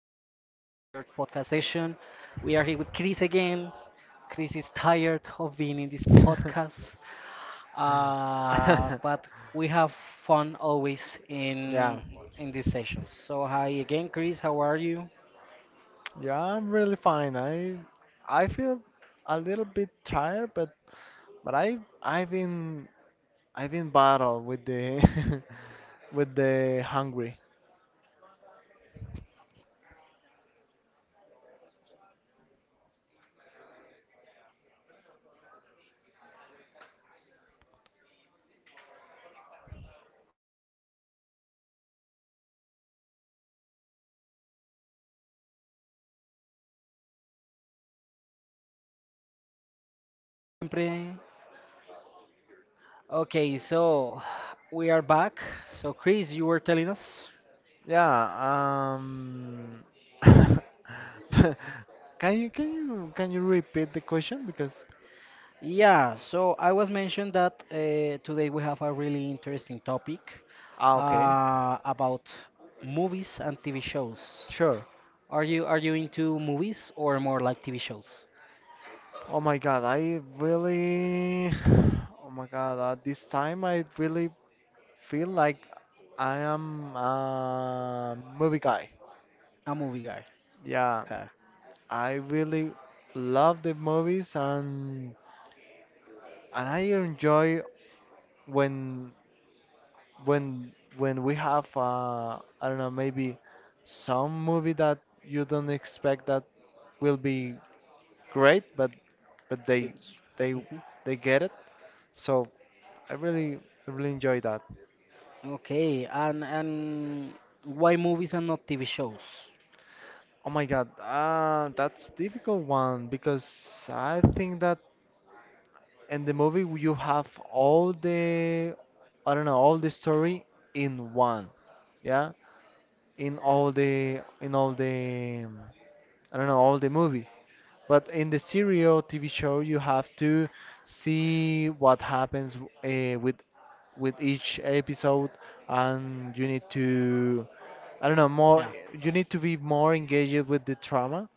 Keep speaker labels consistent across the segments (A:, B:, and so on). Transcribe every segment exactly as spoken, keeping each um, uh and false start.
A: podcast session. We are here with Chris again. Chris is tired of being in this podcast, uh, but we have fun always
B: Yeah,
A: in in these sessions. So, hi again, Chris. How are you?
B: yeah, I'm really fine. I I feel a little bit tired, but but I I've been I've been battle with the with the hungry.
A: Espérate que no te escucho. ¿Tú me escuchas? Se cayó el internet. Está conectando otra vez. Ay. No es lo que nos sale siempre. Okay, so we are back. So, Chris, you were telling us?
B: Yeah, um Can you can you can you repeat the question because
A: Yeah, so I was mentioned that uh, today we have a really interesting topic
B: ah okay,
A: uh, about movies and T V shows.
B: sure.
A: Are you are you into movies or more like T V shows?
B: Oh my god, I really Oh my god, at this time I really feel like I am a movie guy.
A: A movie guy.
B: Yeah,
A: Okay.
B: I really love the movies and and I enjoy when when when we have uh, I don't know maybe some movie that you don't expect that will be great, but but they they
A: Mhm.
B: they get it. So I really I really enjoy that.
A: Okay, and and why movies and not T V shows?
B: Oh my God, uh, that's difficult one because I think that and the movie you have all the, I don't know, all the story in one, yeah, in all the in all the um, I don't know, all the movie. But in the serial T V show, you have to see what happens uh, with with each episode, and you need to, I don't know, more.
A: Yeah.
B: You need to be more engaged with the drama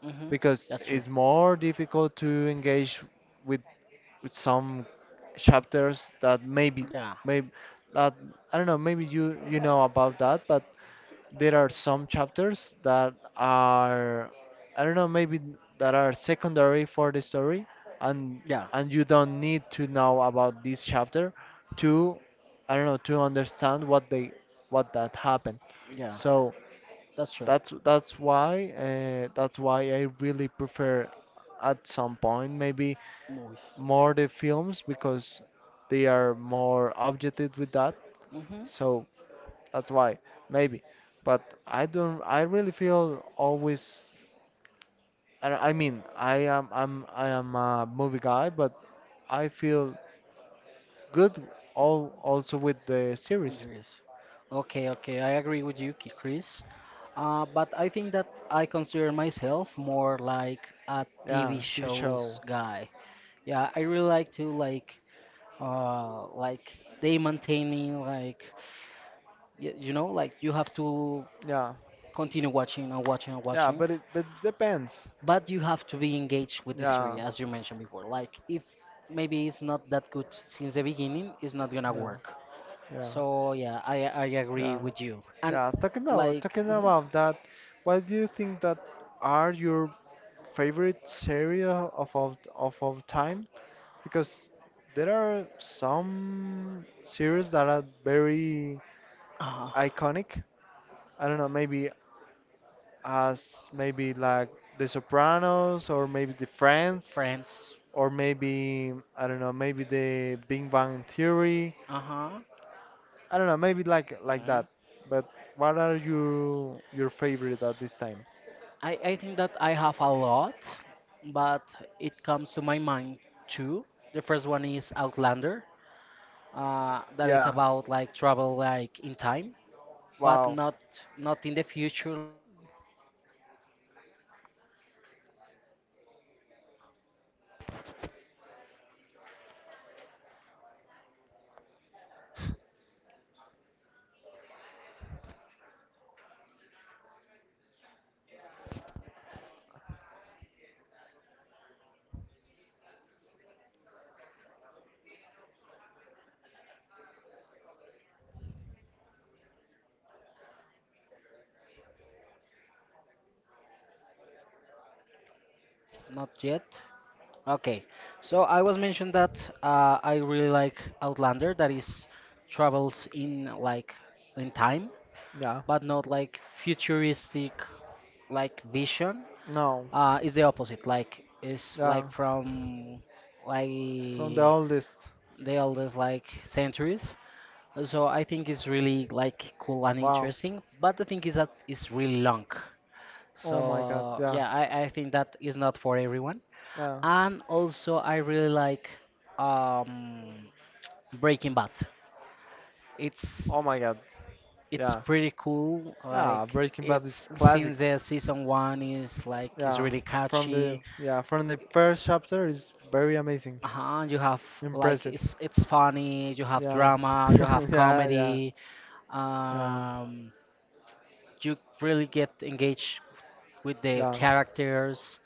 A: hmm
B: because
A: That's true.
B: it's more difficult to engage with with some chapters that maybe,
A: Yeah.
B: maybe that I don't know, maybe you you know about that, but there are some chapters that are, I don't know, maybe that are secondary for the story, and
A: Yeah.
B: and you don't need to know about this chapter to, I don't know, to understand what they, what that happened,
A: Yeah.
B: so
A: That's true.
B: that's that's why uh, that's why I really prefer, at some point, maybe
A: Movies.
B: more the films because they are more objective with that.
A: hmm
B: So that's why maybe. But I don't. I really feel always. I, I mean, I am. I'm. I am a movie guy, but I feel good all, also with the series.
A: Yes. Okay, okay, I agree with you, Ki- Chris. Uh, but I think that I consider myself more like a T V
B: Yeah, T V
A: shows
B: show.
A: guy. Yeah, I really like to like uh like they maintain me like, y you know like you have to
B: Yeah.
A: continue watching and watching and
B: Yeah,
A: watching,
B: but it but it depends.
A: but you have to be engaged with the series
B: Yeah.
A: as you mentioned before. Like if maybe it's not that good since the beginning, it's not gonna
B: Yeah.
A: work.
B: Yeah,
A: So yeah, I I agree
B: yeah,
A: with you. And
B: yeah. Talking about
A: like
B: talking
A: mhm,
B: about that, what do you think that are your favorite series of all, of all time, because there are some series that are very
A: uh,
B: iconic. I don't know, maybe as maybe like The Sopranos or maybe The Friends
A: friends,
B: or maybe, I don't know, maybe the Big Bang Theory.
A: uh-huh.
B: I don't know, maybe like like
A: Mhm.
B: that. But what are your your favorite at this time?
A: I I think that I have a lot, but it comes to my mind two. The first one is Outlander. Uh, that is
B: Yeah.
A: about like travel like in time, but
B: Wow.
A: not not in the future like we saw like we see in movies. I think that we're back. No, not yet. Okay, so I was mentioned that uh, I really like Outlander, that is travels in like in time,
B: Yeah.
A: but not like futuristic like vision.
B: No.
A: Uh, it's the opposite. Like it's
B: Yeah.
A: like from like
B: From the
A: the
B: oldest.
A: oldest like centuries. So I think it's really like cool and
B: Wow.
A: interesting. But the thing is that it's really long.
B: Oh my god,
A: So
B: yeah,
A: yeah, I, I think that is not for everyone.
B: yeah.
A: And also, I really like um, Breaking Bad. It's
B: Oh my god,
A: it's
B: yeah,
A: pretty cool.
B: yeah.
A: Like
B: Breaking Bad
A: it's
B: is classic.
A: since the season one is like it's
B: Yeah,
A: really
B: from the
A: catchy.
B: yeah from the first chapter is very amazing,
A: Uh-huh, you have like
B: impressive.
A: it's it's funny. You have
B: Yeah,
A: drama. You have
B: yeah, yeah,
A: comedy.
B: yeah,
A: Um, you really get engaged with the
B: yeah,
A: characters.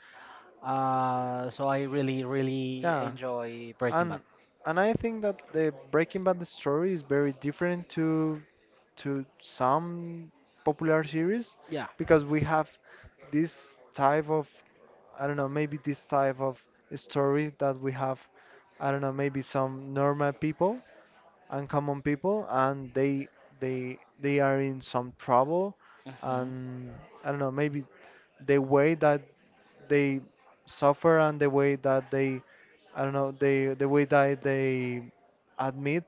A: Uh, so I really really
B: yeah.
A: enjoy Breaking
B: And
A: Bad.
B: and I think that the Breaking Bad story is very different to to some popular series,
A: Yeah.
B: because we have this type of, I don't know maybe, this type of story that we have, I don't know maybe, some normal people, uncommon people, and they they they are in some trouble,
A: hmm
B: and I don't know maybe, the way that they suffer and the way that they, I don't know, they, the way that they admit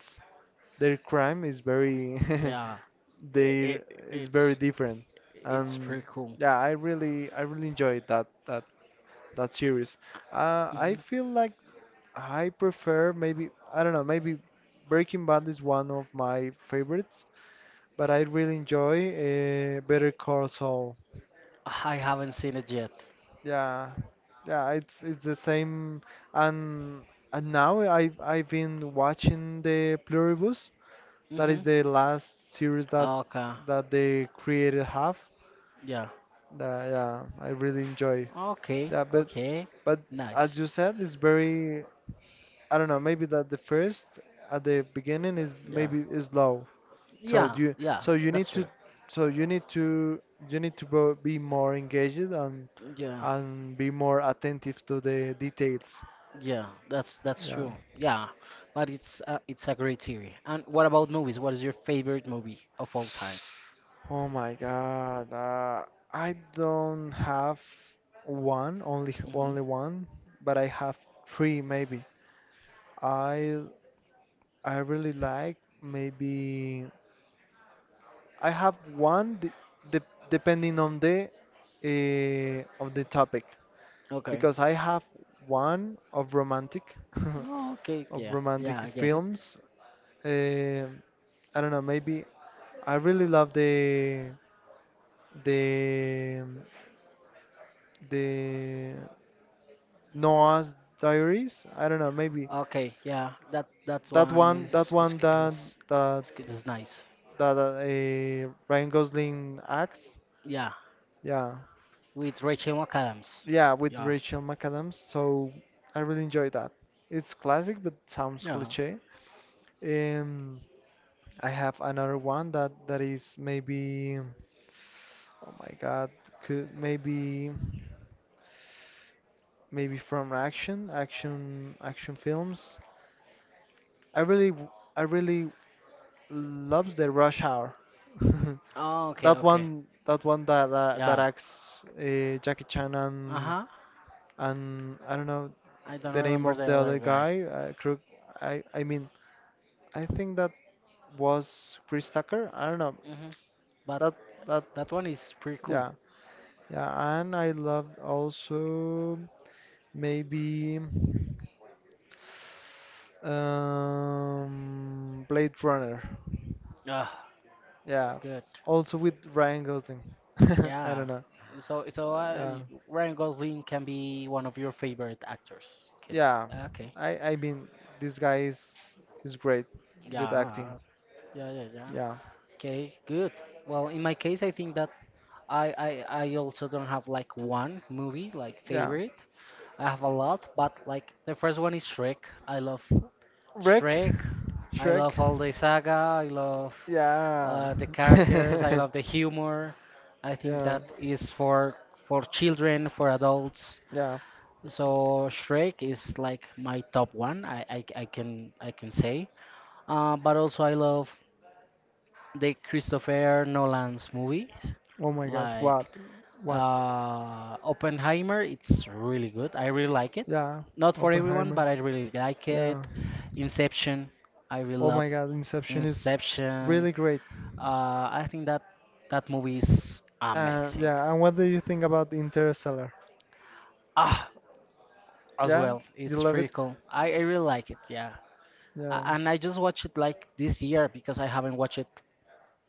B: their crime is very
A: Yeah, i-
B: there
A: it
B: is very
A: it's
B: different,
A: it's
B: and
A: pretty cool.
B: yeah, I really i really enjoyed that that that series. uh, I
A: hmm
B: feel like I prefer maybe, I don't know maybe, Breaking Bad is one of my favorites, but I really enjoy uh, Better Call Saul.
A: I haven't seen it yet.
B: Yeah, yeah, it's it's the same. And and now i've i've been watching the Pluribus, that
A: Hmm.
B: is the last series that
A: Okay.
B: that they created have.
A: Yeah.
B: That, yeah, I really enjoy.
A: Okay.
B: Yeah, But
A: Okay.
B: but as
A: Nice.
B: you said, it's very, I don't know. Maybe that the first at the beginning is
A: Yeah.
B: maybe is low. So
A: Yeah.
B: you
A: Yeah.
B: so you
A: That's
B: need to
A: true.
B: so you need to you need to bo- be more engaged, and
A: Yeah.
B: and be more attentive to the details.
A: Yeah. That's that's
B: Yeah.
A: true. Yeah. But it's a, it's a great theory. And what about movies? What is your favorite movie of all time?
B: Oh my God. Uh, I don't have one, only
A: Hmm.
B: only one, but I have three maybe. I I really like maybe, I have one de de depending on the uh, of the topic,
A: Okay.
B: because I have one of romantic
A: Oh, okay.
B: of
A: Yeah.
B: romantic
A: Yeah. I get it.
B: films. Um I don't know, maybe I really love the the the Noah's Diaries. I don't know, maybe
A: Okay. Yeah. That that
B: that
A: one
B: one that
A: is is
B: one that
A: is
B: that
A: is, is nice.
B: that uh, Ryan Gosling acts.
A: Yeah,
B: Yeah.
A: with Rachel McAdams.
B: Yeah, with
A: Yeah.
B: Rachel McAdams. So I really enjoy that. It's classic, but sounds
A: Yeah.
B: cliche. Um, I have another one that that is maybe, oh my God, could maybe, maybe from action, action, action films. I really, w- I really loves the Rush Hour.
A: Oh, okay,
B: That
A: okay.
B: one, that one that that, that
A: Yeah.
B: acts uh, Jackie Chan, and
A: Uh-huh.
B: and I don't know
A: I don't
B: the name
A: remember
B: of
A: the
B: the
A: other
B: other
A: guy.
B: guy. Uh, Krug, I I mean I think that was Chris Tucker. I don't know.
A: Hmm. But
B: That, that,
A: that one is pretty cool.
B: yeah, yeah. And I loved also maybe um Blade Runner.
A: Ah,
B: Yeah.
A: good.
B: Also with Ryan Gosling. I
A: Yeah.
B: don't know.
A: So, so uh,
B: Uh,
A: Ryan Gosling can be one of your favorite actors. Can,
B: yeah.
A: okay.
B: I I mean this guy is is great with acting.
A: Yeah. Yeah, yeah, yeah.
B: Yeah.
A: Okay, good. Well, in my case, I think that I, I I also don't have like one movie like
B: Yeah.
A: favorite. I have a lot, but like the first one is Shrek. I love
B: Rick?
A: Shrek. I
B: Shrek?
A: love all the saga. I love
B: Yeah.
A: uh, the characters. I love the humor. I think
B: yeah.
A: that is for for children, for adults.
B: Yeah.
A: So Shrek is like my top one. I I, I can I can say. Uh, but also I love the Christopher Nolan's movies,
B: Oh my god.
A: like
B: What? What?
A: uh, Oppenheimer. It's really good. I really like it.
B: Yeah.
A: Not for everyone,
B: Oppenheimer.
A: but I really like it.
B: Yeah.
A: Inception. I really
B: Oh
A: love
B: my god. Inception is
A: Inception.
B: really great.
A: Uh, I think that that movie is
B: Uh,
A: amazing.
B: yeah. And what do you think about Interstellar?
A: Ah, as
B: Yeah.
A: well.
B: You
A: It's
B: love
A: pretty
B: it?
A: cool. I, I really like it. Yeah, A-
B: Yeah.
A: and I just watched it like this year because I haven't watched it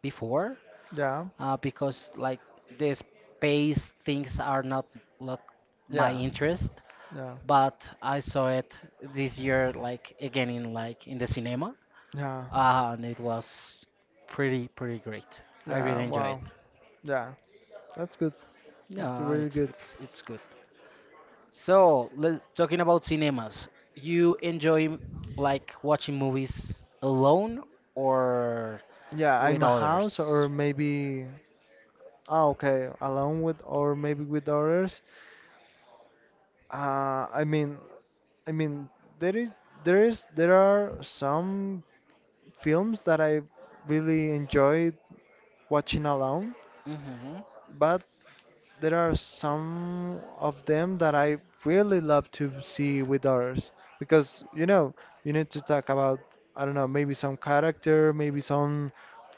A: before.
B: Yeah.
A: uh, because like the space things are not like my
B: Yeah.
A: interest.
B: Yeah.
A: But I saw it this year, like again in like in the cinema,
B: Yeah.
A: uh, and it was pretty pretty great. I
B: Yeah.
A: really enjoy
B: Wow.
A: it.
B: Yeah. That's good. That's
A: No,
B: really
A: it's
B: good.
A: it's it's good. So, le- talking about cinemas, you enjoy like watching movies alone or
B: Yeah.
A: with
B: I'm a
A: others?
B: house or maybe. Ah, okay. Alone with or maybe with others. Uh, I mean, I mean, there is, there is, there are some films that I really enjoy watching alone,
A: Mm-hmm.
B: but there are some of them that I really love to see with others, because you know, you need to talk about, I don't know maybe, some character, maybe some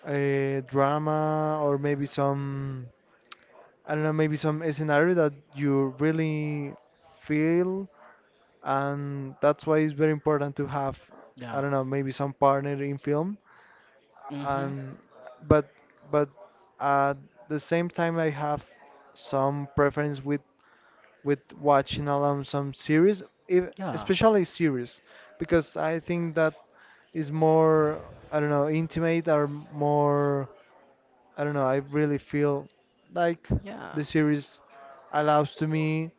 B: uh, drama, or maybe some, I don't know maybe, some scenario that you really feel, and that's why it's very important to have, I
A: Yeah.
B: don't know maybe, some partner in film,
A: Mm-hmm.
B: and but but at the same time I have some preference with with watching alone some series, if,
A: Yeah.
B: especially series, because I think that is more, I don't know, intimate, or more, I don't know, I really feel like
A: Yeah.
B: the series allows to me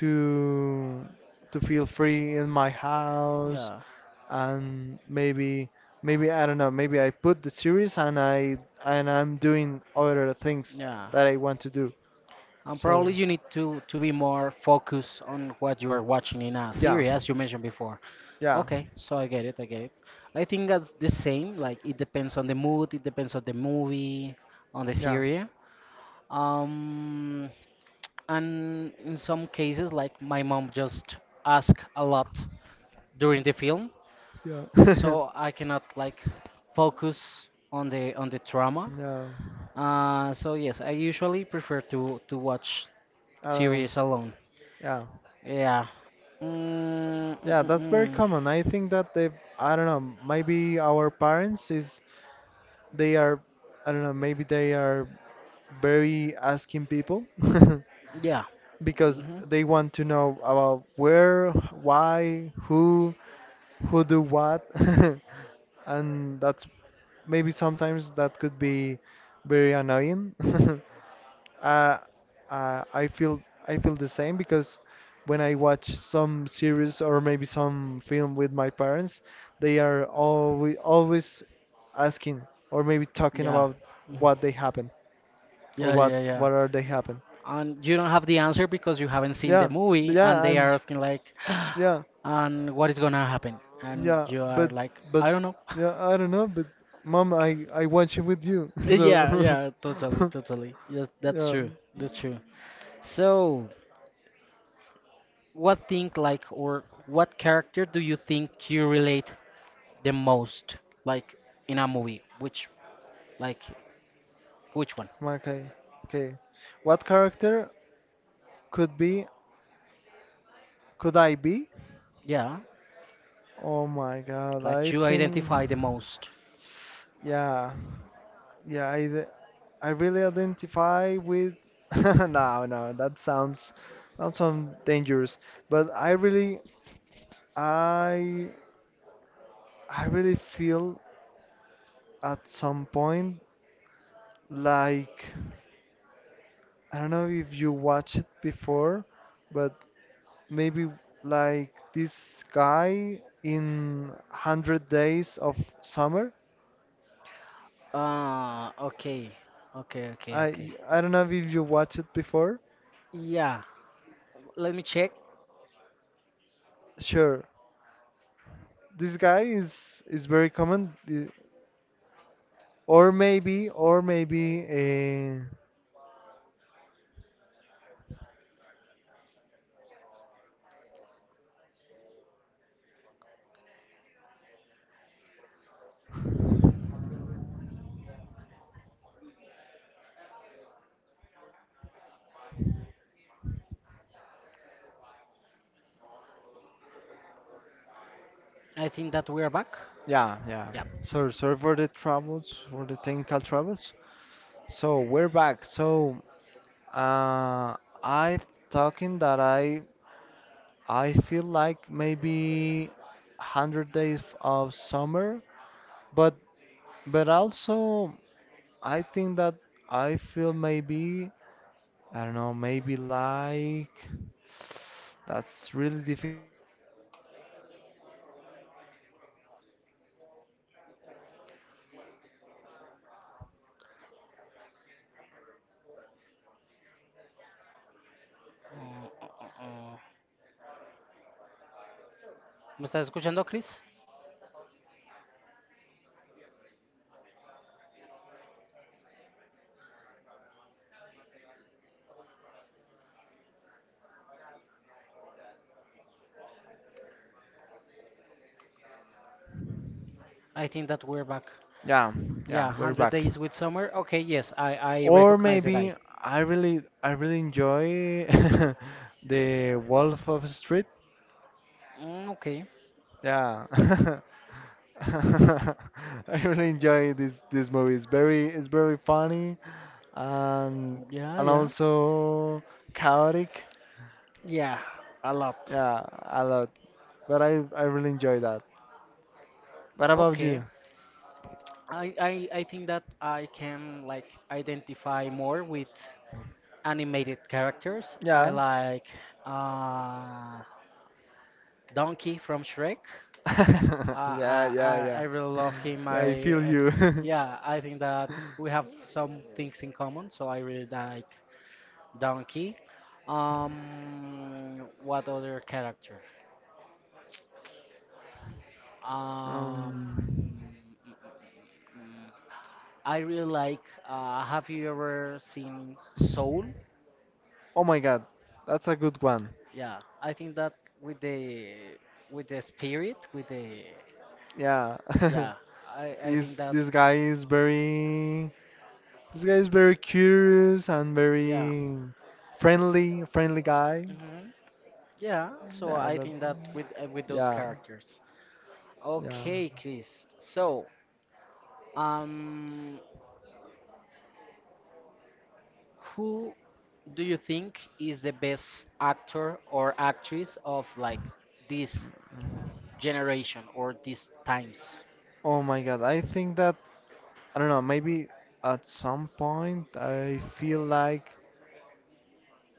B: to to feel free in my house,
A: Yeah,
B: and maybe, maybe I don't know, maybe I put the series and I and I'm doing other things
A: yeah.
B: that I want to do.
A: And probably
B: So
A: you need to to be more focused on what you are watching in a
B: yeah,
A: series, as you mentioned before.
B: yeah,
A: Okay, so I get it, I get it. I think that's the same. Like it depends on the mood, it depends on the movie, on the
B: yeah,
A: series. Um, and in some cases, like my mom just ask a lot during the film,
B: yeah,
A: so I cannot like focus on the on the drama.
B: yeah.
A: Uh, so yes, I usually prefer to to watch
B: Um,
A: series alone.
B: yeah,
A: Yeah. Mm, mm,
B: yeah.
A: mm,
B: That's very
A: mm.
B: common. I think that they, I don't know maybe, our parents is they are, I don't know maybe, they are very asking people
A: Yeah.
B: because
A: Hmm.
B: they want to know about where, why, who, who do what, and that's maybe sometimes that could be very annoying. uh, uh, I feel I feel the same, because when I watch some series or maybe some film with my parents, they are always always asking or maybe talking
A: Yeah.
B: about
A: Mhm.
B: what they happen or
A: Yeah,
B: what
A: yeah, yeah.
B: what are they happen.
A: And you don't have the answer because you haven't seen the
B: Yeah, but
A: movie, and
B: yeah,
A: they
B: and
A: are asking like,
B: yeah,
A: and what is gonna happen? And
B: yeah,
A: you are
B: but
A: like,
B: but
A: I don't know.
B: yeah, I don't know, but mom, I I watch it with you,
A: Yeah,
B: so
A: yeah, totally, totally. Yes, that's
B: yeah.
A: true. That's true. So, what think like or what character do you think you relate the most like in a movie? Which like which one?
B: Okay, okay. What character could be, could I be?
A: Yeah.
B: Oh my God,
A: Like
B: I
A: you
B: think
A: identify the most.
B: yeah, yeah. I th- I really identify with. No, no, that sounds, that sounds dangerous. But I really I I really feel at some point like. I don't know if you watched it before, but maybe like this guy in one hundred Days of Summer.
A: Ah, okay. Okay, okay, okay.
B: I I don't know if you watched it before.
A: Yeah, let me check just to be sure.
B: Sure. This guy is is very common, uh, or maybe or maybe uh,
A: I think that we're back.
B: yeah, yeah.
A: Yeah.
B: So sorry for the troubles, for the technical troubles. So we're back. So uh I've talking that I I feel like maybe one hundred days of summer, but but also I think that I feel maybe, I don't know maybe like, that's really difficult. Um, I don't know, maybe like um ah wow.
A: Uh, uh, uh,
B: Oh, like
A: ¿Me estás escuchando, Chris? I think that we're back.
B: yeah,
A: Yeah,
B: yeah, we're
A: one hundred
B: back.
A: days with summer. Okay, yes, I, I
B: Or
A: recognize the
B: maybe
A: guy.
B: I really I really enjoy the Wolf of Street.
A: Mm, okay.
B: Yeah. I really enjoy this this movie. It's very it's very funny and
A: Yeah,
B: and
A: yeah.
B: also chaotic.
A: Yeah, a lot.
B: Yeah, a lot. But I I really enjoy that. What about
A: Okay.
B: you?
A: I, I I think that I can like identify more with animated characters. I
B: Yeah.
A: like uh, Donkey from Shrek.
B: Yeah,
A: I I,
B: yeah,
A: I I
B: yeah.
A: really love him.
B: I
A: I,
B: feel
A: I think,
B: you.
A: yeah, I think that we have some things in common. So I really like Donkey. Um, what other character? Um,
B: Um
A: I really like. Uh, have you ever seen Soul?
B: Oh my God, that's a good one.
A: Yeah, I think that with the with the spirit, with the
B: Yeah.
A: Yeah, I, I think
B: This
A: that
B: this guy is very this guy is very curious and
A: yeah,
B: very friendly friendly guy.
A: hmm yeah. So
B: Yeah,
A: I
B: that,
A: think that with uh, with those
B: yeah,
A: characters.
B: yeah.
A: Okay, Chris. So um, who do you think is the best actor or actress of like this generation or these times?
B: Oh my God, I think that I don't know. Maybe at some point I feel like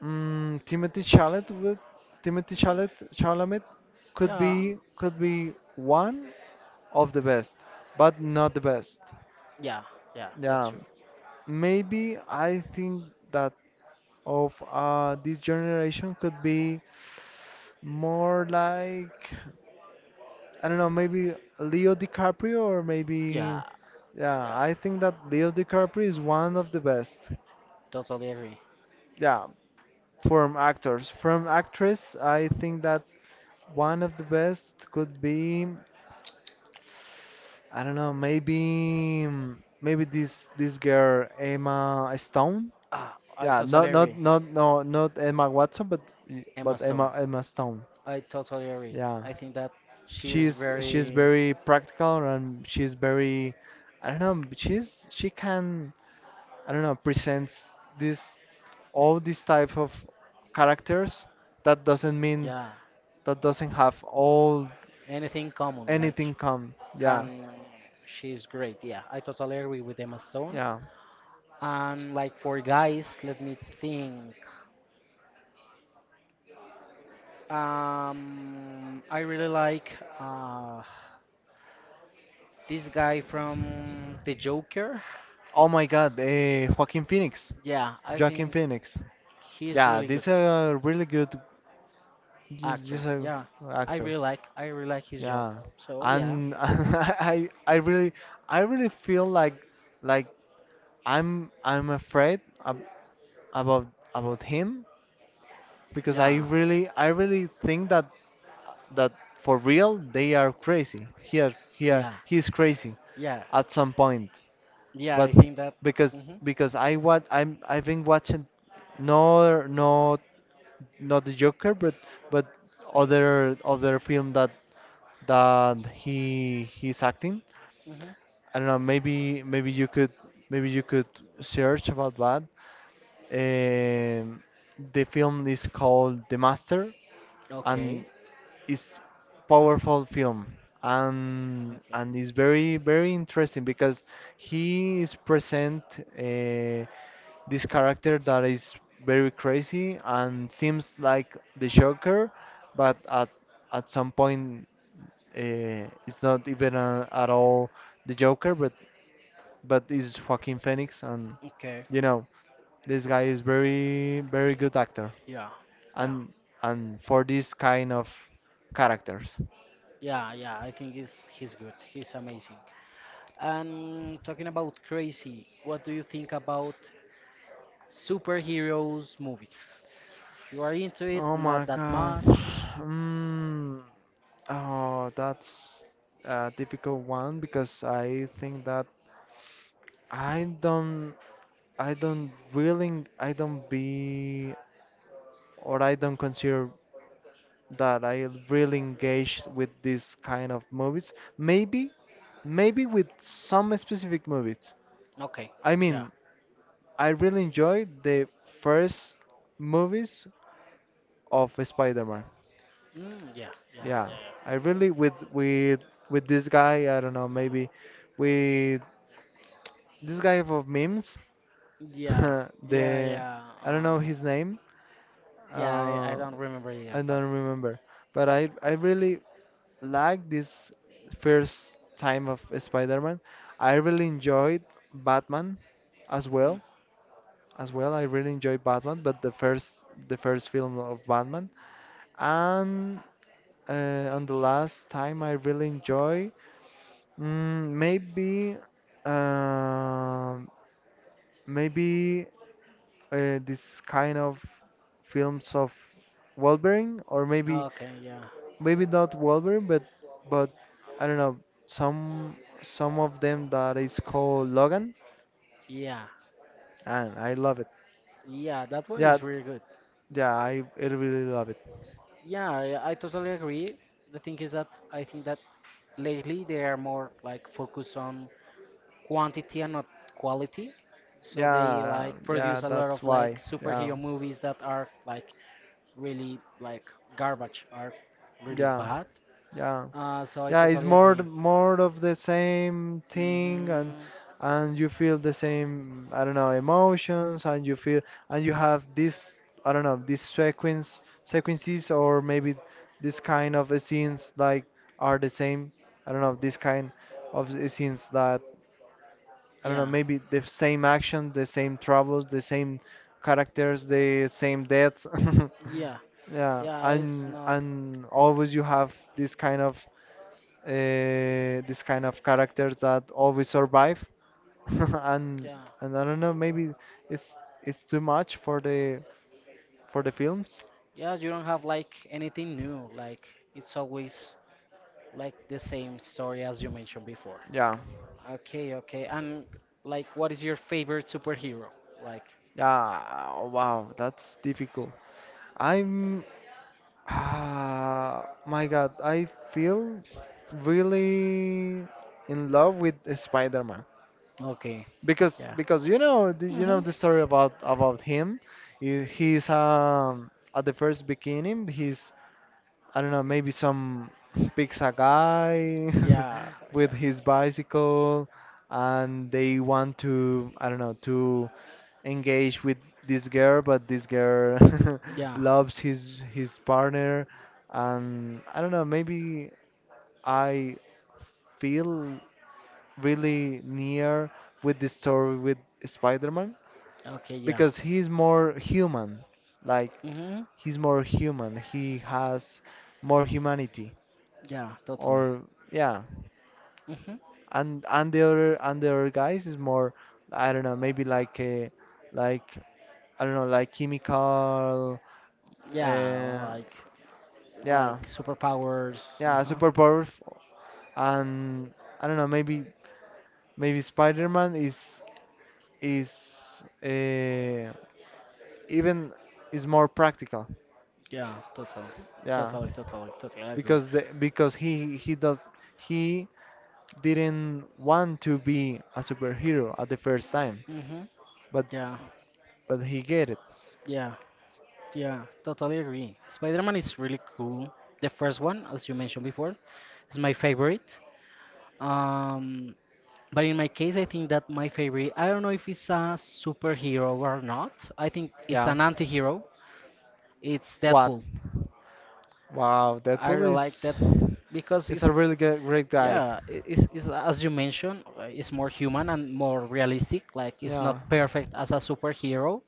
B: mm, Timothy Chalamet would, Timothy Chalamet Chalamet could
A: Yeah,
B: be, could be one of the best, but not the best.
A: yeah, yeah. That's
B: Yeah,
A: true.
B: maybe I think that of uh, this generation could be more like, I don't know maybe, Leo DiCaprio, or
A: Yeah,
B: maybe yeah,
A: yeah.
B: I think that Leo DiCaprio is one of the best.
A: Totally agree.
B: Yeah, from actors. From actress, I think that one of the best could be, I don't know maybe, maybe this this girl Emma Stone.
A: Ah, I
B: Yeah,
A: totally
B: not not
A: agree.
B: not no not Emma Watson, but
A: Emma
B: but
A: Stone.
B: Emma Emma Stone.
A: I totally agree.
B: Yeah,
A: I think that she's
B: she's she's
A: very
B: very practical, and she's very, I don't know, she's she can, I don't know, presents this all these type of characters. That doesn't mean
A: yeah
B: that doesn't have all
A: anything common. Like, sh-
B: anything come. Yeah,
A: um, she's great. Yeah, I totally agree with Emma Stone.
B: yeah.
A: And like for guys, let me think. Um, I really like uh, this guy from The Joker.
B: Oh my God, eh, Joaquin Phoenix,
A: Yeah, I
B: Joaquin
A: think
B: Phoenix.
A: he's
B: Yeah,
A: really good
B: this a really good, this,
A: actor.
B: this a
A: Yeah, I
B: actor.
A: really like I really like his job.
B: Yeah,
A: So yeah,
B: and I I really I really feel like like I'm I'm afraid ab about about him because I
A: yeah,
B: really I really think that that for real they are crazy. He are, he are,
A: yeah,
B: he's crazy
A: yeah,
B: at some point.
A: yeah.
B: But
A: I think that.
B: because
A: Mhm.
B: because I want I'm I've been watching no no not the Joker, but but other other film that that he he's acting.
A: Mhm.
B: I don't know, maybe maybe you could maybe you could search about that. Um, the film is called The Master,
A: Okay.
B: and it's powerful film, and
A: Okay.
B: and it's very very interesting because he is present uh, this character that is very crazy and seems like the Joker, but at at some point uh, it's not even uh, at all the Joker, but but is Joaquin Phoenix, and
A: Okay.
B: you know this guy is very very good actor,
A: Yeah. Yeah.
B: and and for this kind of characters.
A: Yeah, yeah, I think he's he's good. He's amazing. And talking about crazy, what do you think about superheroes movies? You are into it,
B: Oh
A: not
B: my
A: that
B: God.
A: much.
B: Mm. Oh, that's a difficult one because I think that I don't I don't really I don't be or I don't consider that I really engage with this kind of movies. Maybe maybe with some specific movies.
A: Okay,
B: I
A: yeah,
B: mean, I really enjoy the first movies of Spider-Man.
A: mm, yeah, yeah,
B: Yeah,
A: yeah,
B: I really with with with this guy. I don't know. Maybe with this guy of memes.
A: yeah, yeah, yeah,
B: the
A: yeah.
B: I don't know
A: Uh,
B: his name.
A: yeah, I, I
B: Uh,
A: don't remember either,
B: I
A: but
B: don't remember. But I I really like this first time of Spider-Man. I really enjoyed Batman as
A: mm,
B: well. As well, I really enjoyed Batman, but the first the first film of Batman. And Uh, on the last time I really enjoy, mm, maybe, um maybe uh, this kind of films of Wolverine, or maybe
A: okay, yeah,
B: maybe not Wolverine, but but I don't know, some some of them that is called Logan,
A: yeah,
B: and I love it.
A: yeah. That one
B: Yeah,
A: is really good.
B: yeah, I, I really love it.
A: Yeah, I, I totally agree. The thing is that I think that lately they are more like focused on quantity and not quality. So they
B: Yeah,
A: like
B: yeah,
A: produce a lot
B: that's
A: of like
B: why. Yeah,
A: superhero movies that are like really like garbage, are really
B: yeah,
A: bad.
B: yeah.
A: Uh, so I
B: Yeah, it's
A: totally
B: more
A: agree.
B: more of the same thing, and
A: Hmm.
B: and you feel the same, I don't know, emotions, and you feel and you have this, I don't know, these sequence sequences, or maybe this kind of scenes, like are the same. I don't know, this kind of scenes that, I don't know,
A: Yeah,
B: maybe the same action, the same troubles, the same characters, the same deaths.
A: yeah,
B: Yeah,
A: yeah. It's
B: and
A: not.
B: and always you have this kind of uh, this kind of characters that always survive. And
A: Yeah,
B: and I don't know, maybe it's it's too much for the for the films.
A: yeah. You don't have like anything new. Like it's always like the same story as you mentioned before.
B: Yeah.
A: Okay, okay. And like, what is your favorite superhero? Like,
B: Yeah, wow, that's difficult. I'm Ah, my God, I feel really in love with Spider-Man,
A: okay,
B: because
A: yeah.
B: because you know the- you know
A: hmm
B: the story about about him. He- He's um at the first beginning he's, I don't know, maybe some pizza guy
A: Yeah,
B: with
A: yeah,
B: his bicycle, and they want to, I don't know, to engage with this girl, but this girl
A: yeah.
B: loves his his partner, and I don't know, maybe I feel really near with the story with Spider-Man
A: Okay, yeah.
B: because he's more human. Like
A: Mm-hmm.
B: he's more human. He has more humanity
A: Yeah, totally.
B: or yeah,
A: Mm-hmm.
B: and and the other and the other guys is more, I don't know, maybe like a like, I don't know, like chemical.
A: Yeah,
B: uh,
A: like
B: yeah,
A: like superpowers.
B: yeah,
A: Uh-huh.
B: super powerful. And I don't know, maybe maybe Spider-Man is is uh, even is more practical,
A: Yeah, totally.
B: yeah,
A: Totally, totally, totally I agree.
B: because the because he he does he didn't want to be a superhero at the first time,
A: Mm-hmm.
B: but
A: Yeah,
B: But he get it.
A: yeah, yeah, totally agree. Spider-Man is really cool. The first one, as you mentioned before, is my favorite. Um, but in my case, I think that my favorite, I don't know if it's a superhero or not. I think it's
B: Yeah.
A: an anti-hero. It's
B: What?
A: Deadpool.
B: Wow,
A: I
B: Deadpool
A: really like
B: is
A: Deadpool because
B: is
A: it's
B: a really good, great guy.
A: yeah, i- it's, it's as you mentioned, uh, it's more human and more realistic. Like it's not
B: Yeah,
A: perfect as a superhero,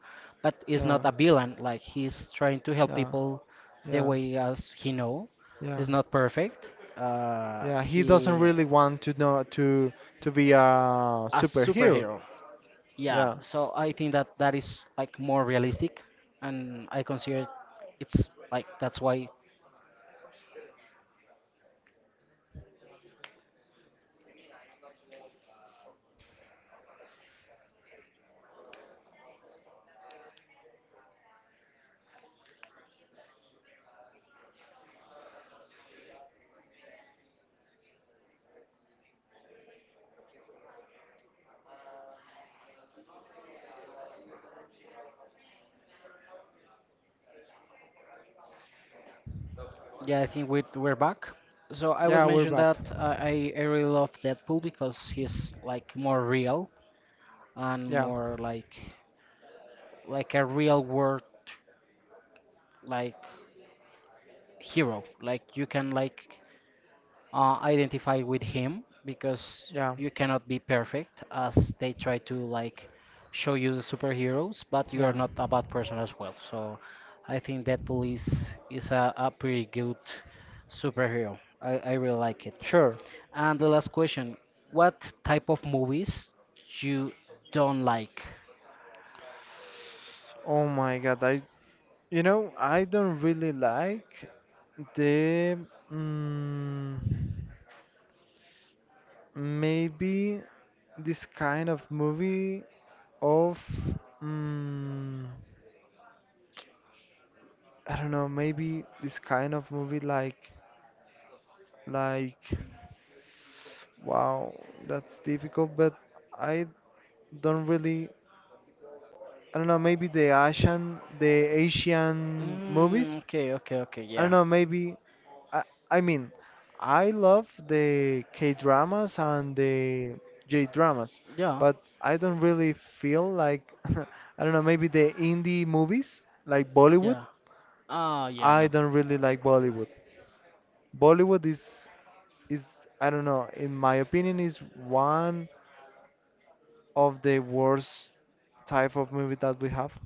A: but it's not
B: yeah,
A: a villain. Like he's trying to help
B: yeah,
A: people the
B: yeah,
A: way as he know.
B: yeah,
A: It's not perfect. Uh,
B: yeah. He doesn't
A: he
B: really want to know to to be a
A: a
B: superhero.
A: superhero. Yeah,
B: Yeah,
A: so I think that that is like more realistic, and I consider it's like that's why Yeah, I think we we're back. So I was
B: yeah. We're
A: mentioned
B: back.
A: that uh, I I really love Deadpool because he's like more real and
B: Yeah,
A: more like like a real world like hero. Like you can like uh, identify with him because
B: yeah,
A: you cannot be perfect as they try to like show you the superheroes, but you are
B: yeah.
A: not a bad person as well. So I think Deadpool is is a, a pretty good superhero. I, I really like it.
B: Sure.
A: And the last question, what type of movies you don't like?
B: Oh my God. I You know, I don't really like the mm, maybe this kind of movie of mm, I don't know, maybe this kind of movie like like wow, that's difficult, but I don't really I don't know, maybe the Asian the Asian
A: Mm,
B: movies.
A: okay, okay, okay,
B: I don't
A: yeah.
B: know, maybe I I mean, I love the K-dramas and the J-dramas,
A: Ya,
B: but I don't really feel like I don't know, maybe the indie movies like
A: ya.
B: Bollywood.
A: Ah, ya
B: I
A: no.
B: don't really like Bollywood. Bollywood is is I don't know, in my opinion is one of the worst type of movie that we have.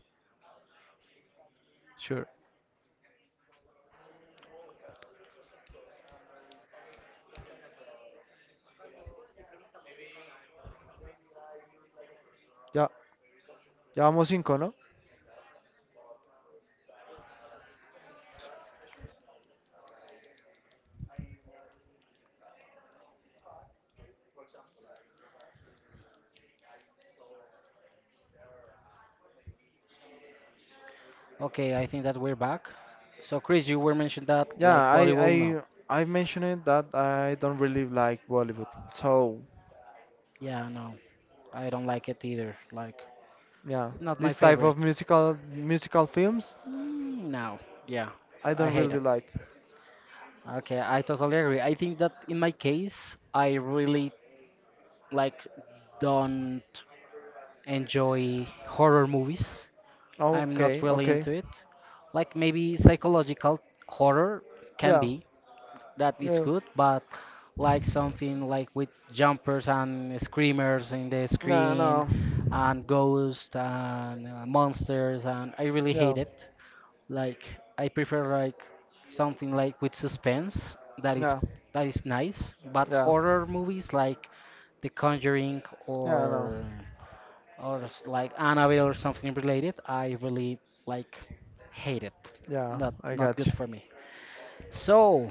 B: Sure.
A: Igual ya casi. Acabemos con eso y preguntamos si nos van a dar el bono o no.
B: Yeah. Ya vamos cinco, ¿no?
A: Y llegamos a las diez. Okay, I think that we're back. So, Chris, you were mentioned that
B: Yeah,
A: like volleyball, no.
B: I I I mentioned that I don't really like Bollywood. So,
A: Yeah, no, I don't like it either. Like,
B: yeah,
A: not my
B: this type of
A: favorite.
B: musical musical films
A: Mm, no, yeah,
B: I
A: I
B: don't
A: hate
B: really
A: it.
B: like.
A: Okay, I totally agree. I think that in my case, I really like don't enjoy horror movies. I'm not
B: Okay,
A: really
B: okay.
A: into it. Like maybe psychological horror can
B: Yeah.
A: be, that is
B: Yeah.
A: good, but like something like with jumpers and screamers in the
B: Yeah,
A: screen
B: no.
A: and ghosts and uh, monsters and I really hate
B: Yeah.
A: it. Like I prefer like something like with suspense that is
B: Yeah.
A: that is nice, but
B: Yeah.
A: horror movies like The Conjuring
B: Yeah, no.
A: or or s- like Annabelle or something related, I really like hate it.
B: Yeah,
A: Not
B: I
A: not
B: got
A: good
B: you.
A: for me. So,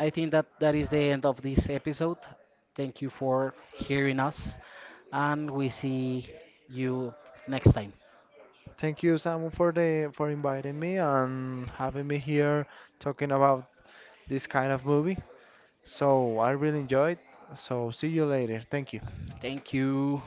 A: I think that that is the end of this episode. Thank you for hearing us, and we see you next time.
B: Thank you, Samu, for the for inviting me and having me here talking about this kind of movie. So I really enjoyed. So see you later. Thank you.
A: Thank you.